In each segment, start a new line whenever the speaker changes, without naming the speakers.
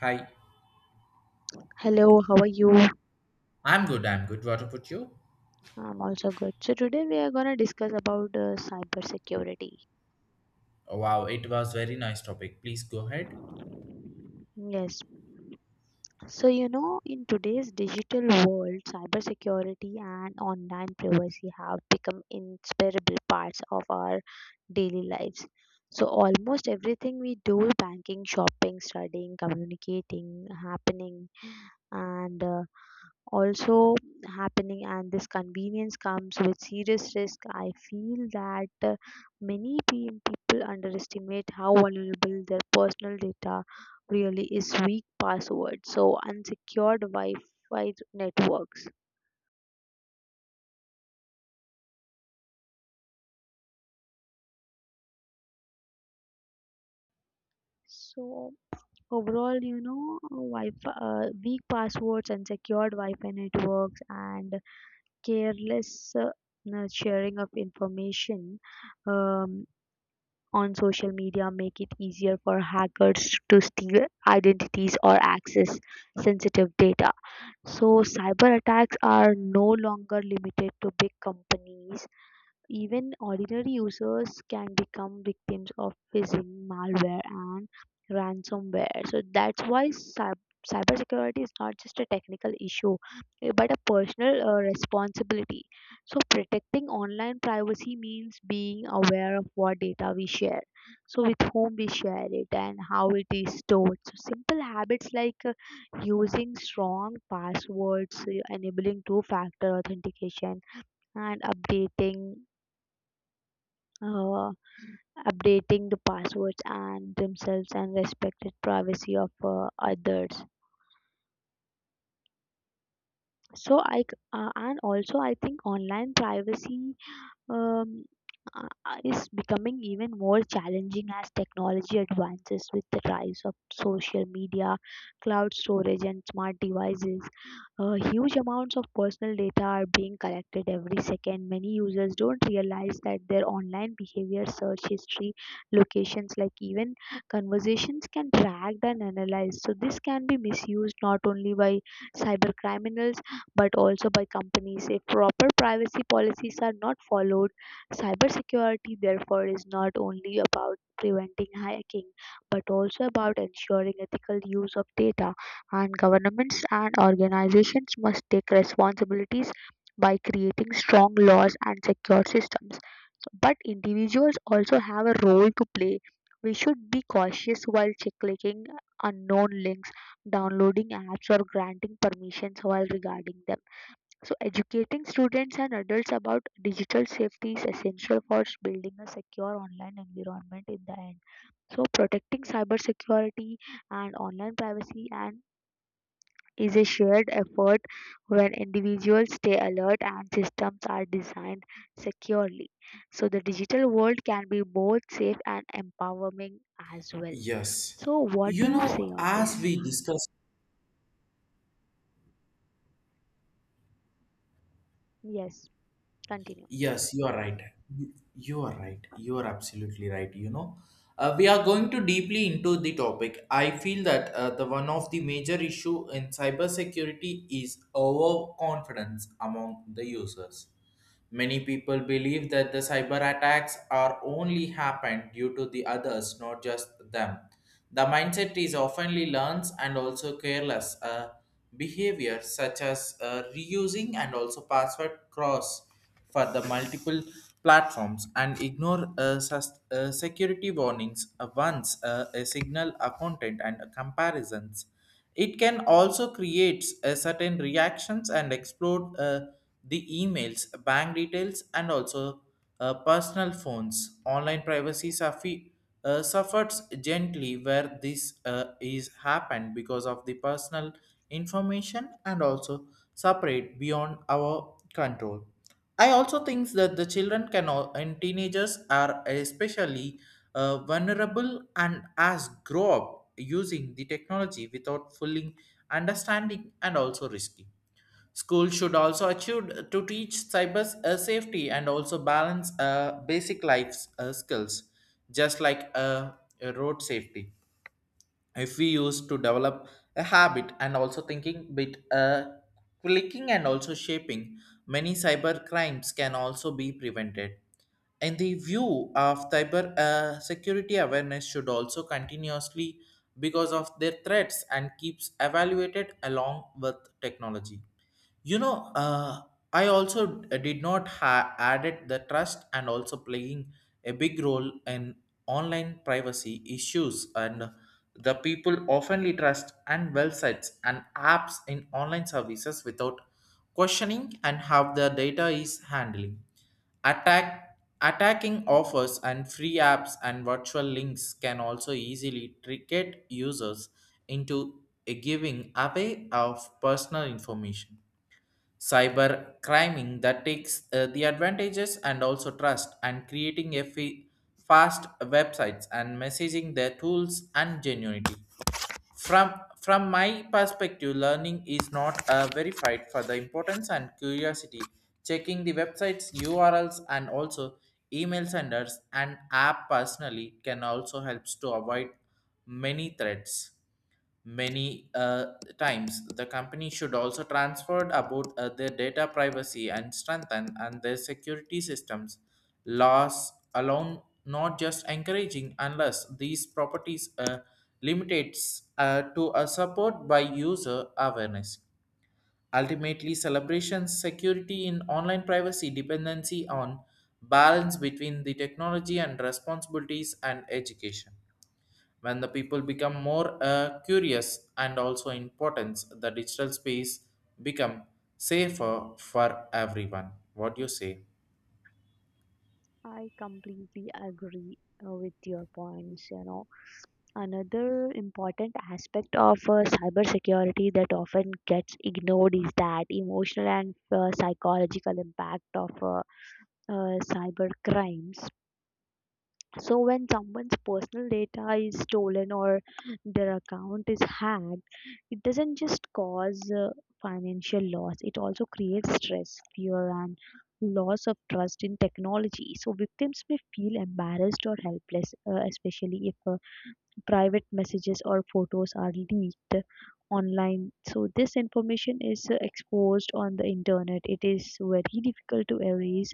Hi.
Hello, how are you?
I'm good, I'm good. What about you?
I'm also good. So today we are gonna discuss about cybersecurity.
Wow, it was very nice topic. Please go ahead.
Yes. So you know, in today's digital world, cybersecurity and online privacy have become inseparable parts of our daily lives. So almost everything we do, banking, shopping, studying, communicating, happening, and also happening, and this convenience comes with serious risk. I feel that many people underestimate how vulnerable their personal data really is. Weak passwords, so unsecured wi-fi networks, so overall you know wi-fi, weak passwords, unsecured wi-fi networks, and careless sharing of information um, on social media make it easier for hackers to steal identities or access sensitive data. So, cyber attacks are no longer limited to big companies. Even ordinary users can become victims of phishing, malware, and ransomware. So that's why cybersecurity is not just a technical issue, but a personal responsibility. So protecting online privacy means being aware of what data we share, so with whom we share it, and how it is stored. So simple habits like using strong passwords, enabling two-factor authentication, and updating uh, updating the passwords and themselves, and respected privacy of others. And also I think online privacy um, is becoming even more challenging as technology advances with the rise of social media, cloud storage, and smart devices. Huge amounts of personal data are being collected every second. Many users don't realize that their online behavior, search history, locations, like even conversations can tracked and analyzed. So this can be misused not only by cyber criminals but also by companies. If proper privacy policies are not followed, cybersecurity therefore is not only about preventing hacking but also about ensuring ethical use of data, and governments and organizations must take responsibilities by creating strong laws and secure systems. But individuals also have a role to play. We should be cautious while clicking unknown links, downloading apps, or granting permissions while regarding them. So, educating students and adults about digital safety is essential for building a secure online environment in the end. So, protecting cybersecurity and online privacy and is a shared effort when individuals stay alert and systems are designed securely. So, the digital world can be both safe and empowering as well.
Yes.
So, what do
You
you say
know,
on
as
this?
we discuss.
Yes, continue.
Yes, you are right. You are right. You are absolutely right. You know, we are going to deeply into the topic. I feel that the one of the major issue in cybersecurity is overconfidence among the users. Many people believe that the cyber attacks are only happen due to the others, not just them. The mindset is oftenly learns and also careless behavior such as reusing and also password cross for the multiple platforms and ignore security warnings once a signal a content and comparisons. It can also create a certain reactions and explore the emails bank details and also personal phones online privacy suffers gently, where this is happened because of the personal information and also separate beyond our control. I also think that the children and teenagers are especially vulnerable and as grow up using the technology without fully understanding and also risky. Schools should also achieve to teach cyber safety and also balance basic life skills, just like road safety. If we use to develop a habit and also thinking bit clicking and also shaping, many cyber crimes can also be prevented. In the view of cyber security awareness should also continuously, because of their threats and keeps evaluated along with technology. You know, I also did not added the trust and also playing a big role in online privacy issues, and the people oftenly trust and websites and apps in online services without questioning and how the data is handling. Attacking offers and free apps and virtual links can also easily trick users into a giving away of personal information. Cyber criming that takes the advantages and also trust and creating a fast websites and messaging their tools and genuinity. from from my perspective, learning is not verified for the importance and curiosity. Checking the websites urls and also email senders and app personally can also helps to avoid many threats. Many times, the company should also transfer about their data privacy and strengthen and their security systems. Laws alone, not just encouraging, unless these properties limitates to a support by user awareness. Ultimately, celebrations security in online privacy dependency on balance between the technology and responsibilities and education. When the people become more curious and also importance, the digital space become safer for everyone. What do you say?
I completely agree with your points. You know, another important aspect of cybersecurity that often gets ignored is that emotional and psychological impact of cyber crimes. So when someone's personal data is stolen or their account is hacked, it doesn't just cause financial loss, it also creates stress, fear, and loss of trust in technology. So victims may feel embarrassed or helpless, especially if private messages or photos are leaked online. So this information is exposed on the internet, it is very difficult to erase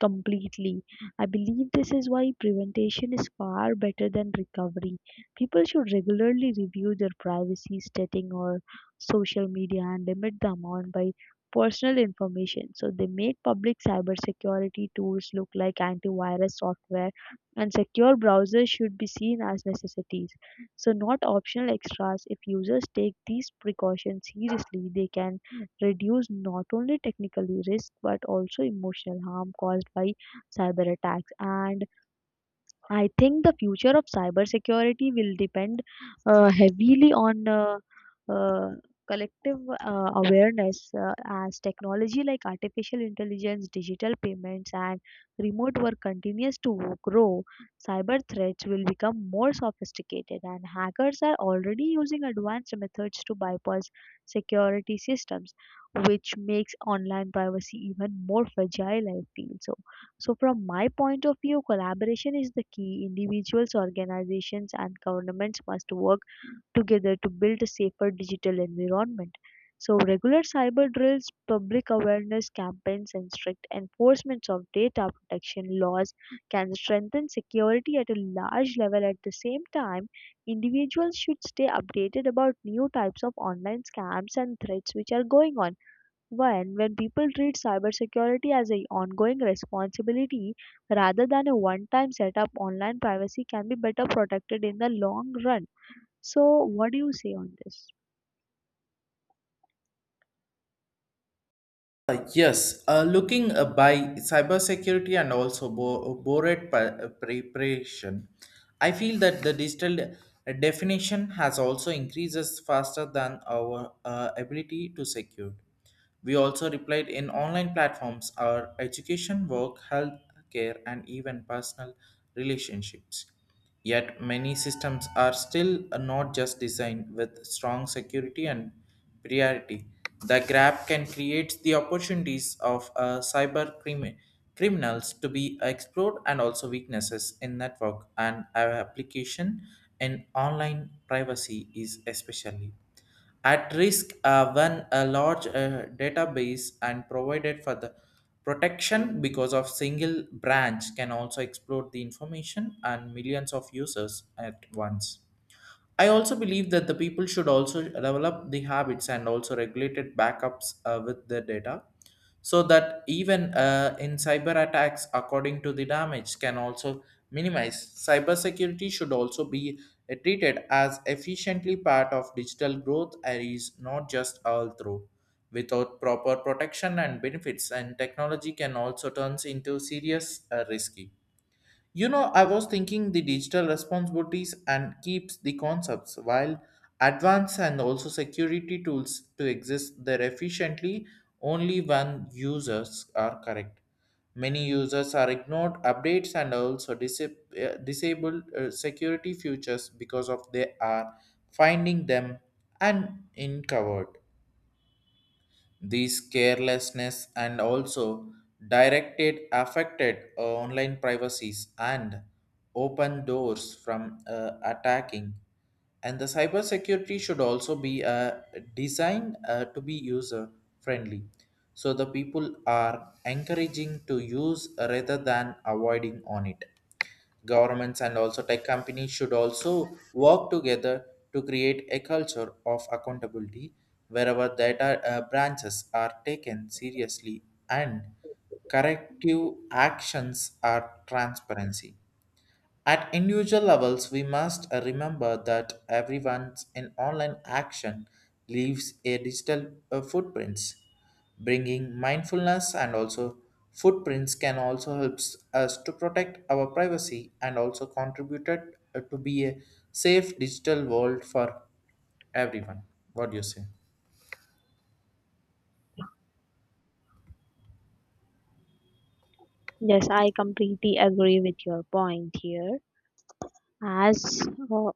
completely. I believe this is why prevention is far better than recovery. People should regularly review their privacy setting or social media and limit the amount by personal information so they make public. Cybersecurity tools look like antivirus software and secure browsers should be seen as necessities, so not optional extras. If users take these precautions seriously, they can reduce not only technical risk but also emotional harm caused by cyber attacks. And I think the future of cybersecurity will depend heavily on uh, collective awareness as technology like artificial intelligence, digital payments, and remote work continues to grow. Cyber threats will become more sophisticated, and hackers are already using advanced methods to bypass security systems, which makes online privacy even more fragile, I feel so. So, from my point of view, collaboration is the key. Individuals, organizations, and governments must work together to build a safer digital environment. So, regular cyber drills, public awareness campaigns, and strict enforcements of data protection laws can strengthen security at a large level. At the same time, individuals should stay updated about new types of online scams and threats which are going on one, when people treat cybersecurity as an ongoing responsibility rather than a one time setup, online privacy can be better protected in the long run. So, what do you say on this?
Yes, looking by cybersecurity and also preparation, I feel that the digital definition has also increases faster than our ability to secure. We also replied in online platforms, our education, work, health care, and even personal relationships. Yet many systems are still not just designed with strong security and priority. The grab can create the opportunities of criminals to be explored and also weaknesses in network and our application in online privacy is especially at risk when a large database and provided for the protection, because of single branch can also explode the information and millions of users at once. I also believe that the people should also develop the habits and also regulated backups with the data, so that even in cyber attacks according to the damage can also minimize. Cybersecurity should also be treated as efficiently part of digital growth and is not just all through. Without proper protection and benefits and technology can also turns into serious risky. You know, I was thinking the digital responsibilities and keeps the concepts while advanced and also security tools to exist there efficiently only when users are correct. Many users are ignored updates and also disabled security features because of they are finding them and uncovered. These carelessness and also directed affected online privacies and open doors from attacking. And the cybersecurity should also be designed to be user friendly, so the people are encouraging to use rather than avoiding on it. Governments and also tech companies should also work together to create a culture of accountability wherever data branches are taken seriously, and corrective actions are transparency. At individual levels, we must remember that everyone's in online action leaves a digital footprints. Bringing mindfulness and also footprints can also help us to protect our privacy and also contributed to be a safe digital world for everyone. What do you say?
Yes, I completely agree with your point here. As uh,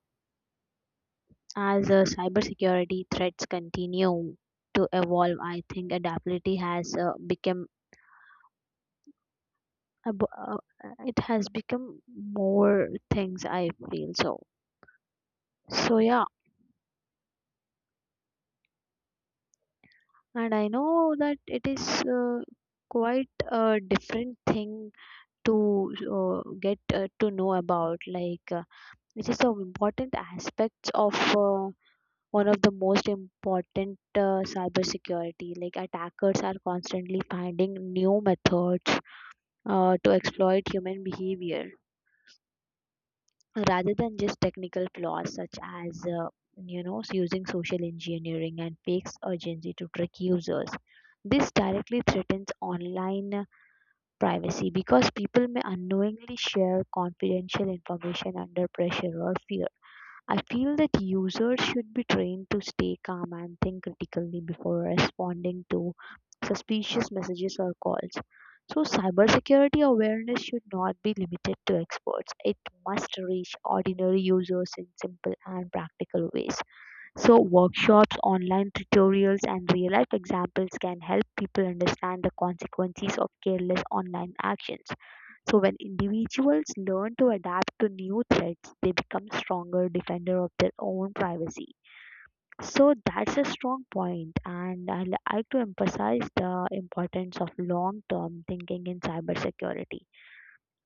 as cybersecurity threats continue to evolve, I think adaptability has become ab- uh, it has become more things, I feel so. So yeah, and I know that it is uh, quite a different thing to get to know about. This is some important aspects of one of the most important cybersecurity. Like attackers are constantly finding new methods to exploit human behavior rather than just technical flaws, such as you know, using social engineering and fakes urgency to trick users. This directly threatens online privacy because people may unknowingly share confidential information under pressure or fear. I feel that users should be trained to stay calm and think critically before responding to suspicious messages or calls. So, cybersecurity awareness should not be limited to experts. It must reach ordinary users in simple and practical ways. So workshops, online tutorials, and real-life examples can help people understand the consequences of careless online actions. So when individuals learn to adapt to new threats, they become stronger defender of their own privacy. So that's a strong point, and I like to emphasize the importance of long-term thinking in cybersecurity.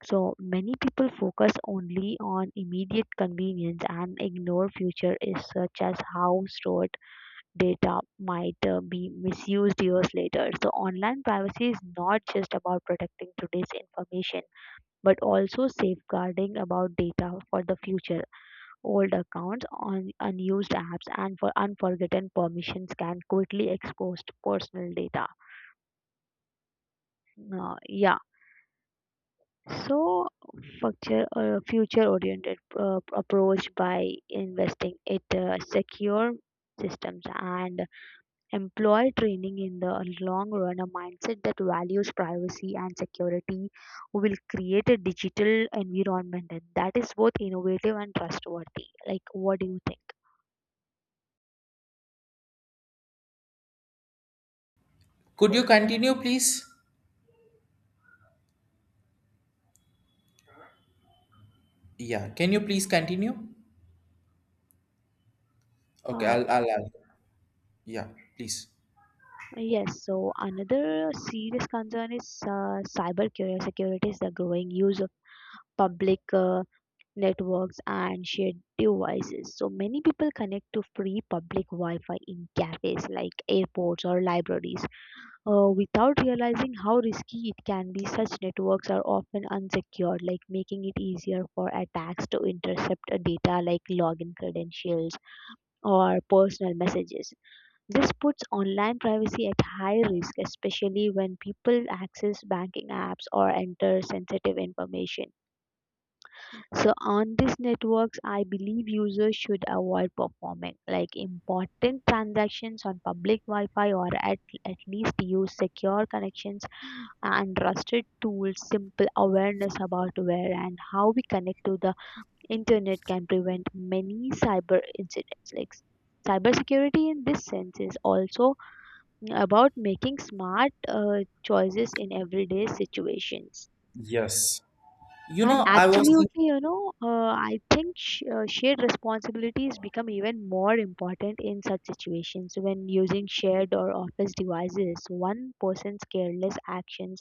So many people focus only on immediate convenience and ignore future issues such as how stored data might be misused years later. So, online privacy is not just about protecting today's information, but also safeguarding about data for the future. Old accounts, on unused apps, and for unforgotten permissions can quickly expose personal data. Yeah. So, future-oriented approach by investing it secure systems and employee training in the long run, a mindset that values privacy and security will create a digital environment and that is both innovative and trustworthy. Like, what do you think?
Could you continue, please? Yeah. Can you please continue? Okay,
uh,
I'll. Yeah, please.
yes, so another serious concern is security is the growing use of public networks and shared devices. So many people connect to free public Wi Fi in cafes like airports or libraries without realizing how risky it can be. Such networks are often unsecured, like making it easier for attacks to intercept data like login credentials or personal messages. This puts online privacy at high risk, especially when people access banking apps or enter sensitive information. So, on these networks, I believe users should avoid performing like important transactions on public Wi Fi, or at least use secure connections and trusted tools. Simple awareness about where and how we connect to the internet can prevent many cyber incidents. Like, cybersecurity in this sense is also about making smart choices in everyday situations.
Yes. You
And
know, I was thinking.
absolutely, you know, I think shared responsibilities become even more important in such situations. So, when using shared or office devices, one person's careless actions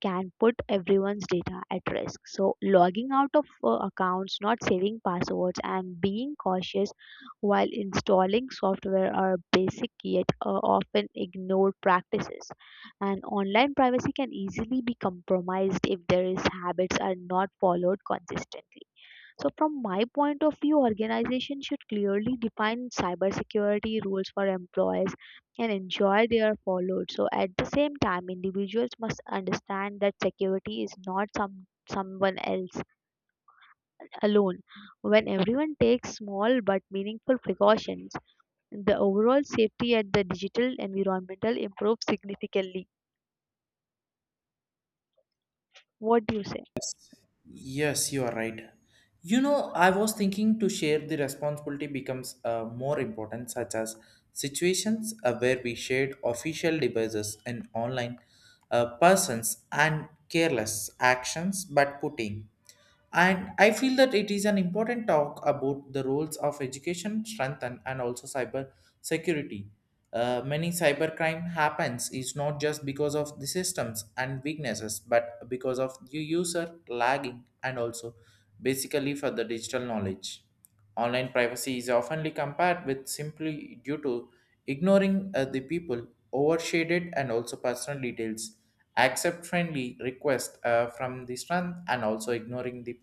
can put everyone's data at risk. So, logging out of accounts, not saving passwords, and being cautious while installing software are basic yet often ignored practices, and online privacy can easily be compromised if there is habits are not followed consistently. So from my point of view, organization should clearly define cybersecurity rules for employees and ensure they are followed. So at the same time, individuals must understand that security is not someone else alone. When everyone takes small but meaningful precautions, the overall safety at the digital environmental improves significantly. What do you say?
Yes, you are right. You know, I was thinking to share the responsibility becomes more important, such as situations where we shared official devices and online persons and careless actions, but putting. And I feel that it is an important talk about the roles of education, strength, and also cyber security. Many cybercrime happens is not just because of the systems and weaknesses, but because of the user lagging and also basically for the digital knowledge. Online privacy is often compared with simply due to ignoring the people, overshaded and also personal details, accept friendly requests from the strength and also ignoring the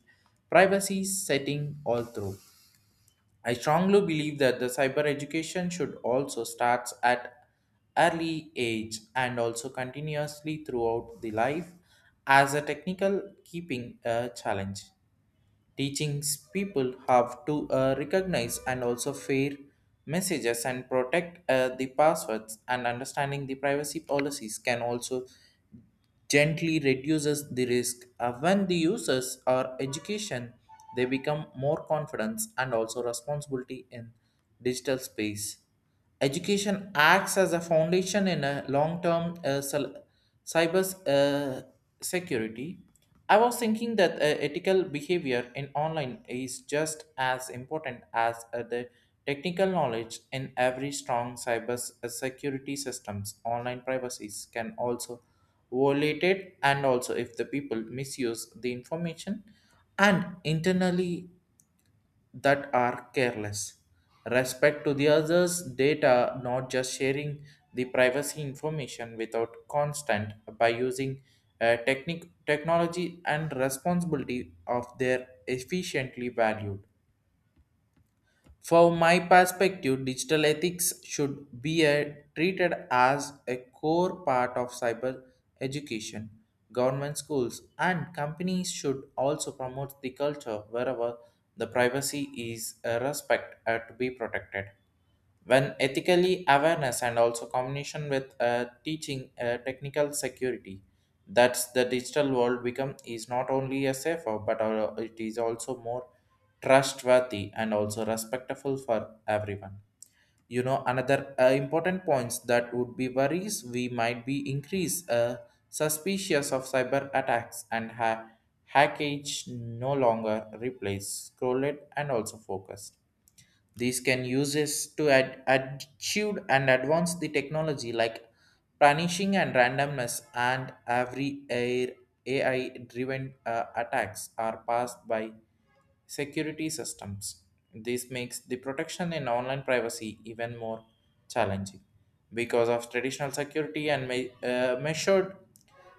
privacy setting all through. I strongly believe that the cyber education should also start at early age and also continuously throughout the life, as a technical keeping challenge. Teaching people have to recognize and also fair messages and protect the passwords and understanding the privacy policies can also gently reduces the risk. When the users are education, they become more confidence and also responsibility in digital space. Education acts as a foundation in a long-term sil- cyber uh, security. I was thinking that ethical behavior in online is just as important as the technical knowledge in every strong security systems. Online privacies can also violated and also if the people misuse the information and internally that are careless respect to the others data, not just sharing the privacy information without constant by using technology and responsibility of their efficiently valued. From my perspective, digital ethics should be treated as a core part of cyber education. Government schools and companies should also promote the culture wherever the privacy is respect to be protected. When ethically awareness and also combination with teaching technical security, that's the digital world become is not only a safer, but it is also more trustworthy and also respectful for everyone. You know, another important points that would be worries we might be increase suspicious of cyber attacks and hackage no longer replace scrolled and also focus. These can uses to add attitude and advance the technology like punishing and randomness and every air, AI driven attacks are passed by security systems. This makes the protection in online privacy even more challenging because of traditional security and measured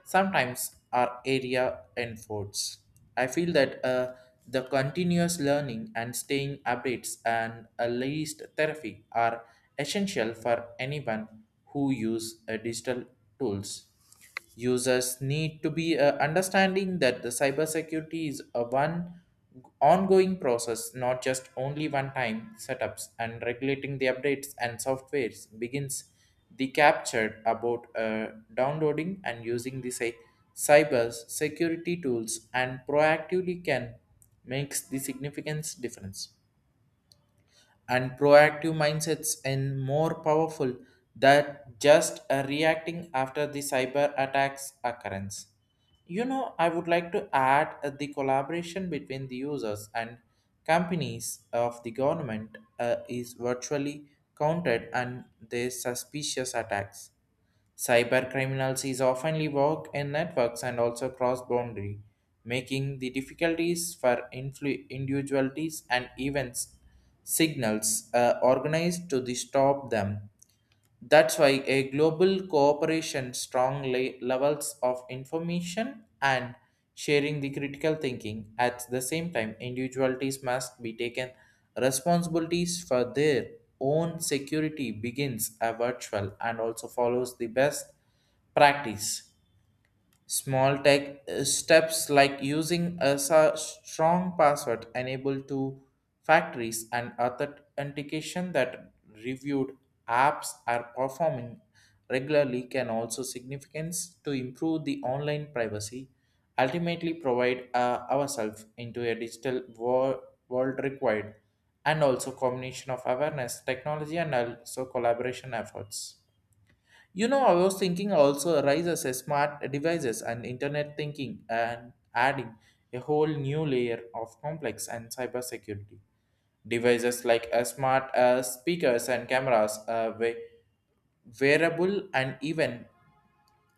sometimes our area enforce. I feel that the continuous learning and staying updates and at least therapy are essential for anyone who use digital tools. Users need to be understanding that the cybersecurity is a one ongoing process, not just only one time setups and regulating the updates and softwares begins they captured about downloading and using the cyber security tools and proactively can makes the significant difference. And proactive mindsets and more powerful than just reacting after the cyber attacks occurrence. You know, I would like to add the collaboration between the users and companies of the government is virtually counted and their suspicious attacks. Cybercriminals is often work in networks and also cross-boundary, making the difficulties for individualities and events signals organized to the stop them. That's why a global cooperation strong levels of information and sharing the critical thinking. At the same time, individualities must be taken responsibilities for their own security begins a virtual and also follows the best practice. Small tech steps like using a strong password enable to factories and authentication that reviewed apps are performing regularly can also significance to improve the online privacy. Ultimately provide ourselves into a digital world required and also combination of awareness technology and also collaboration efforts. You know, I was thinking also arises as smart devices and internet thinking and adding a whole new layer of complex and cybersecurity. Devices like smart speakers and cameras, wearable and even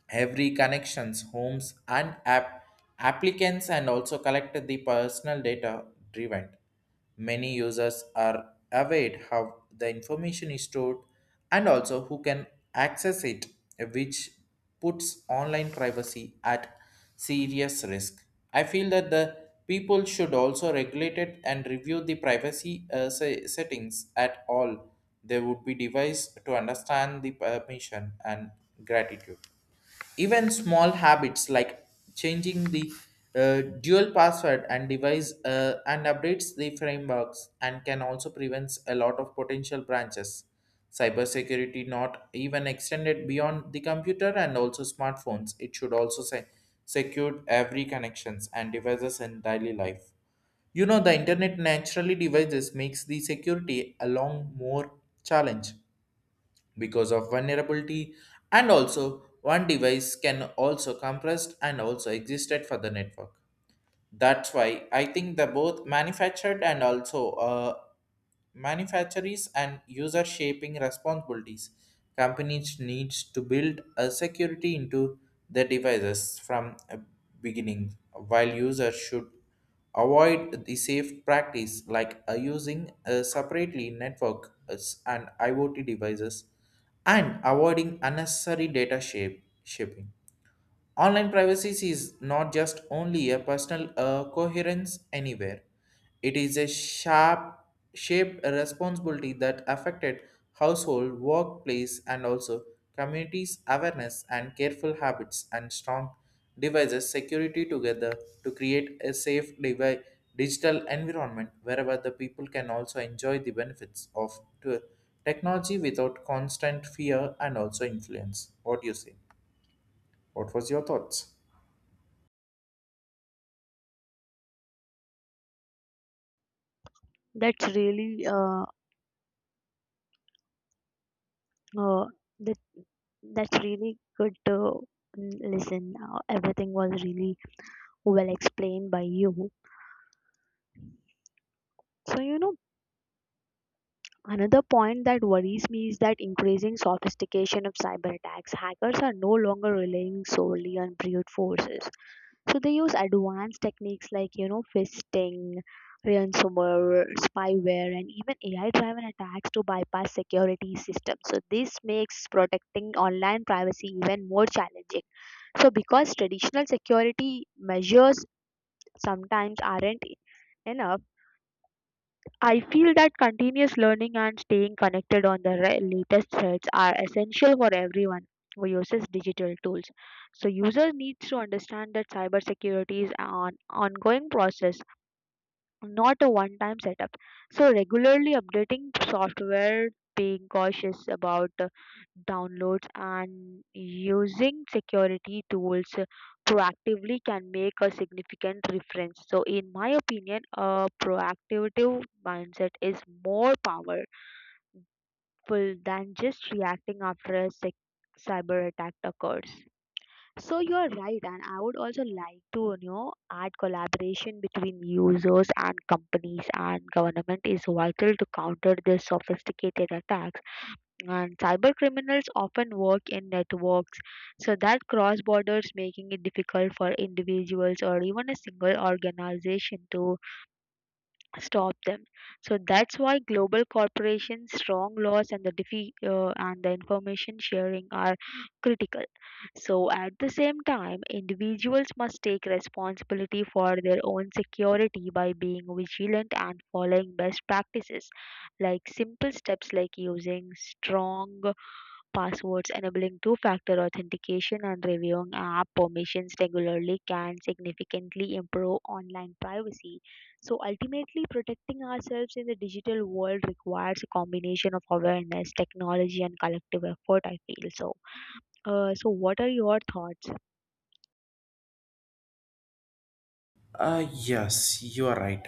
every connections homes and applicants and also collect the personal data driven. Many users are aware how the information is stored and also who can access it, which puts online privacy at serious risk. I feel that the people should also regulate it and review the privacy settings at all. There would be device to understand the permission and gratitude. Even small habits like changing the dual password and device, and updates the frameworks and can also prevent a lot of potential branches. Cybersecurity not even extended beyond the computer and also smartphones. It should also say secure every connections and devices in daily life. You know the internet naturally devices makes the security along more challenge because of vulnerability, and also one device can also compressed and also existed for the network. That's why I think the both manufactured and also manufacturers and user shaping responsibilities. Companies needs to build a security into their devices from a beginning, while users should avoid the safe practice like using separately network, and IoT devices, and avoiding unnecessary data shape shipping. Online privacy is not just only a personal coherence anywhere. It is a sharp shaped responsibility that affected household, workplace, and also communities' awareness and careful habits and strong devices security together to create a safe digital environment wherever the people can also enjoy the benefits of technology without constant fear and also influence. What do you say? What was your thoughts?
That's really uh that that's really good to listen. Everything was really well explained by you. So you know, another point that worries me is that increasing sophistication of cyber attacks. Hackers are no longer relying solely on brute forces. So they use advanced techniques like, you know, fisting, ransomware, spyware, and even AI-driven attacks to bypass security systems. So this makes protecting online privacy even more challenging. So because traditional security measures sometimes aren't enough, I feel that continuous learning and staying connected on the latest threads are essential for everyone who uses digital tools. So users need to understand that cybersecurity is an ongoing process, not a one time setup. So, regularly updating software, being cautious about downloads, and using security tools proactively can make a significant difference. So, in my opinion, a proactive mindset is more powerful than just reacting after a cyber attack occurs. So you are right, and I would also like to, you know, add collaboration between users and companies and government is vital to counter these sophisticated attacks. And cyber criminals often work in networks, so that cross borders making it difficult for individuals or even a single organization to stop them. So that's why global corporations, strong laws, and and the information sharing are critical. So at the same time, individuals must take responsibility for their own security by being vigilant and following best practices, like simple steps like using strong passwords, enabling two-factor authentication, and reviewing app permissions regularly can significantly improve online privacy. So ultimately, protecting ourselves in the digital world requires a combination of awareness, technology, and collective effort. I feel so. So, what are your thoughts?
Yes, you are right.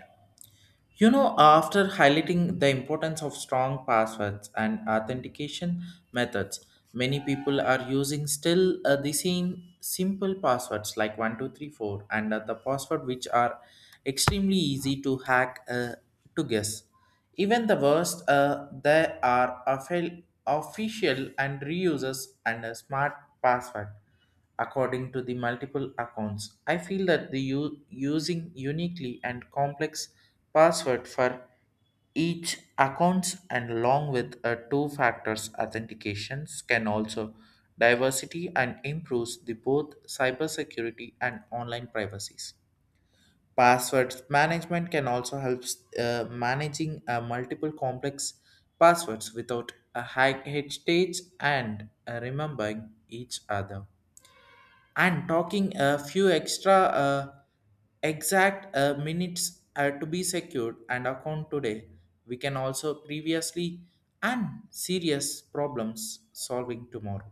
You know, after highlighting the importance of strong passwords and authentication methods, many people are using still the same simple passwords like 1234 and the password, which are extremely easy to hack, to guess. Even the worst, they are official and reusers and a smart password according to the multiple accounts. I feel that the using uniquely and complex password for each accounts, and along with a two factors authentications, can also diversity and improves the both cybersecurity and online privacies. Password management can also help managing multiple complex passwords without a high heritage and remembering each other, and talking a few extra exact minutes to be secured, and account today we can also previously and serious problems solving tomorrow.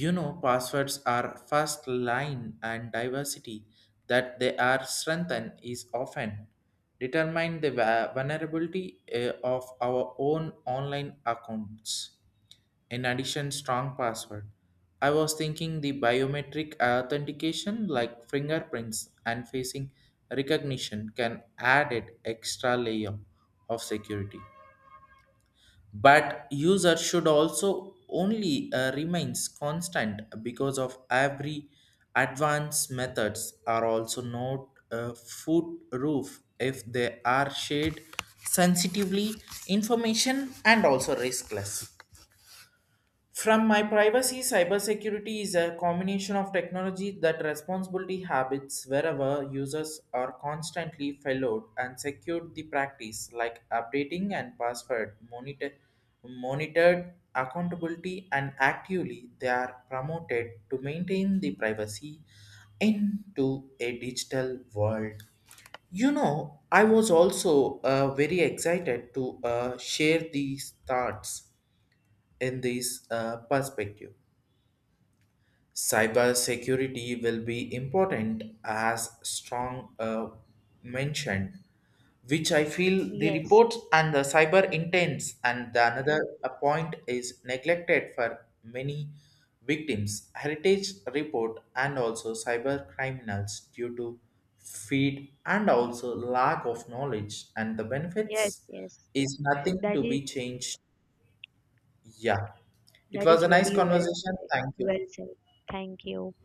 You know passwords are first line, and diversity that they are strengthened is often determine the vulnerability of our own online accounts. In addition, strong password. I was thinking the biometric authentication like fingerprints and facing recognition can add an extra layer of security. But user should also only remains constant, because of every advanced methods are also not foolproof if they are shared sensitively information and also riskless. From my privacy, cybersecurity is a combination of technology that responsibility habits wherever users are constantly followed and secured the practice like updating and password monitored accountability, and actively they are promoted to maintain the privacy into a digital world. You know, I was also very excited to share these thoughts in this perspective. Cybersecurity will be important as strong mentioned, which I feel the
Yes,
reports and the cyber intents and the another point is neglected for many victims. Heritage report and also cyber criminals due to feed and also lack of knowledge and the
yes,
benefits
yes.
is nothing
That
to
is
be changed. Yeah, it
that is
was a nice
very well
conversation.
said.
Thank
Well
you.
said. Thank you.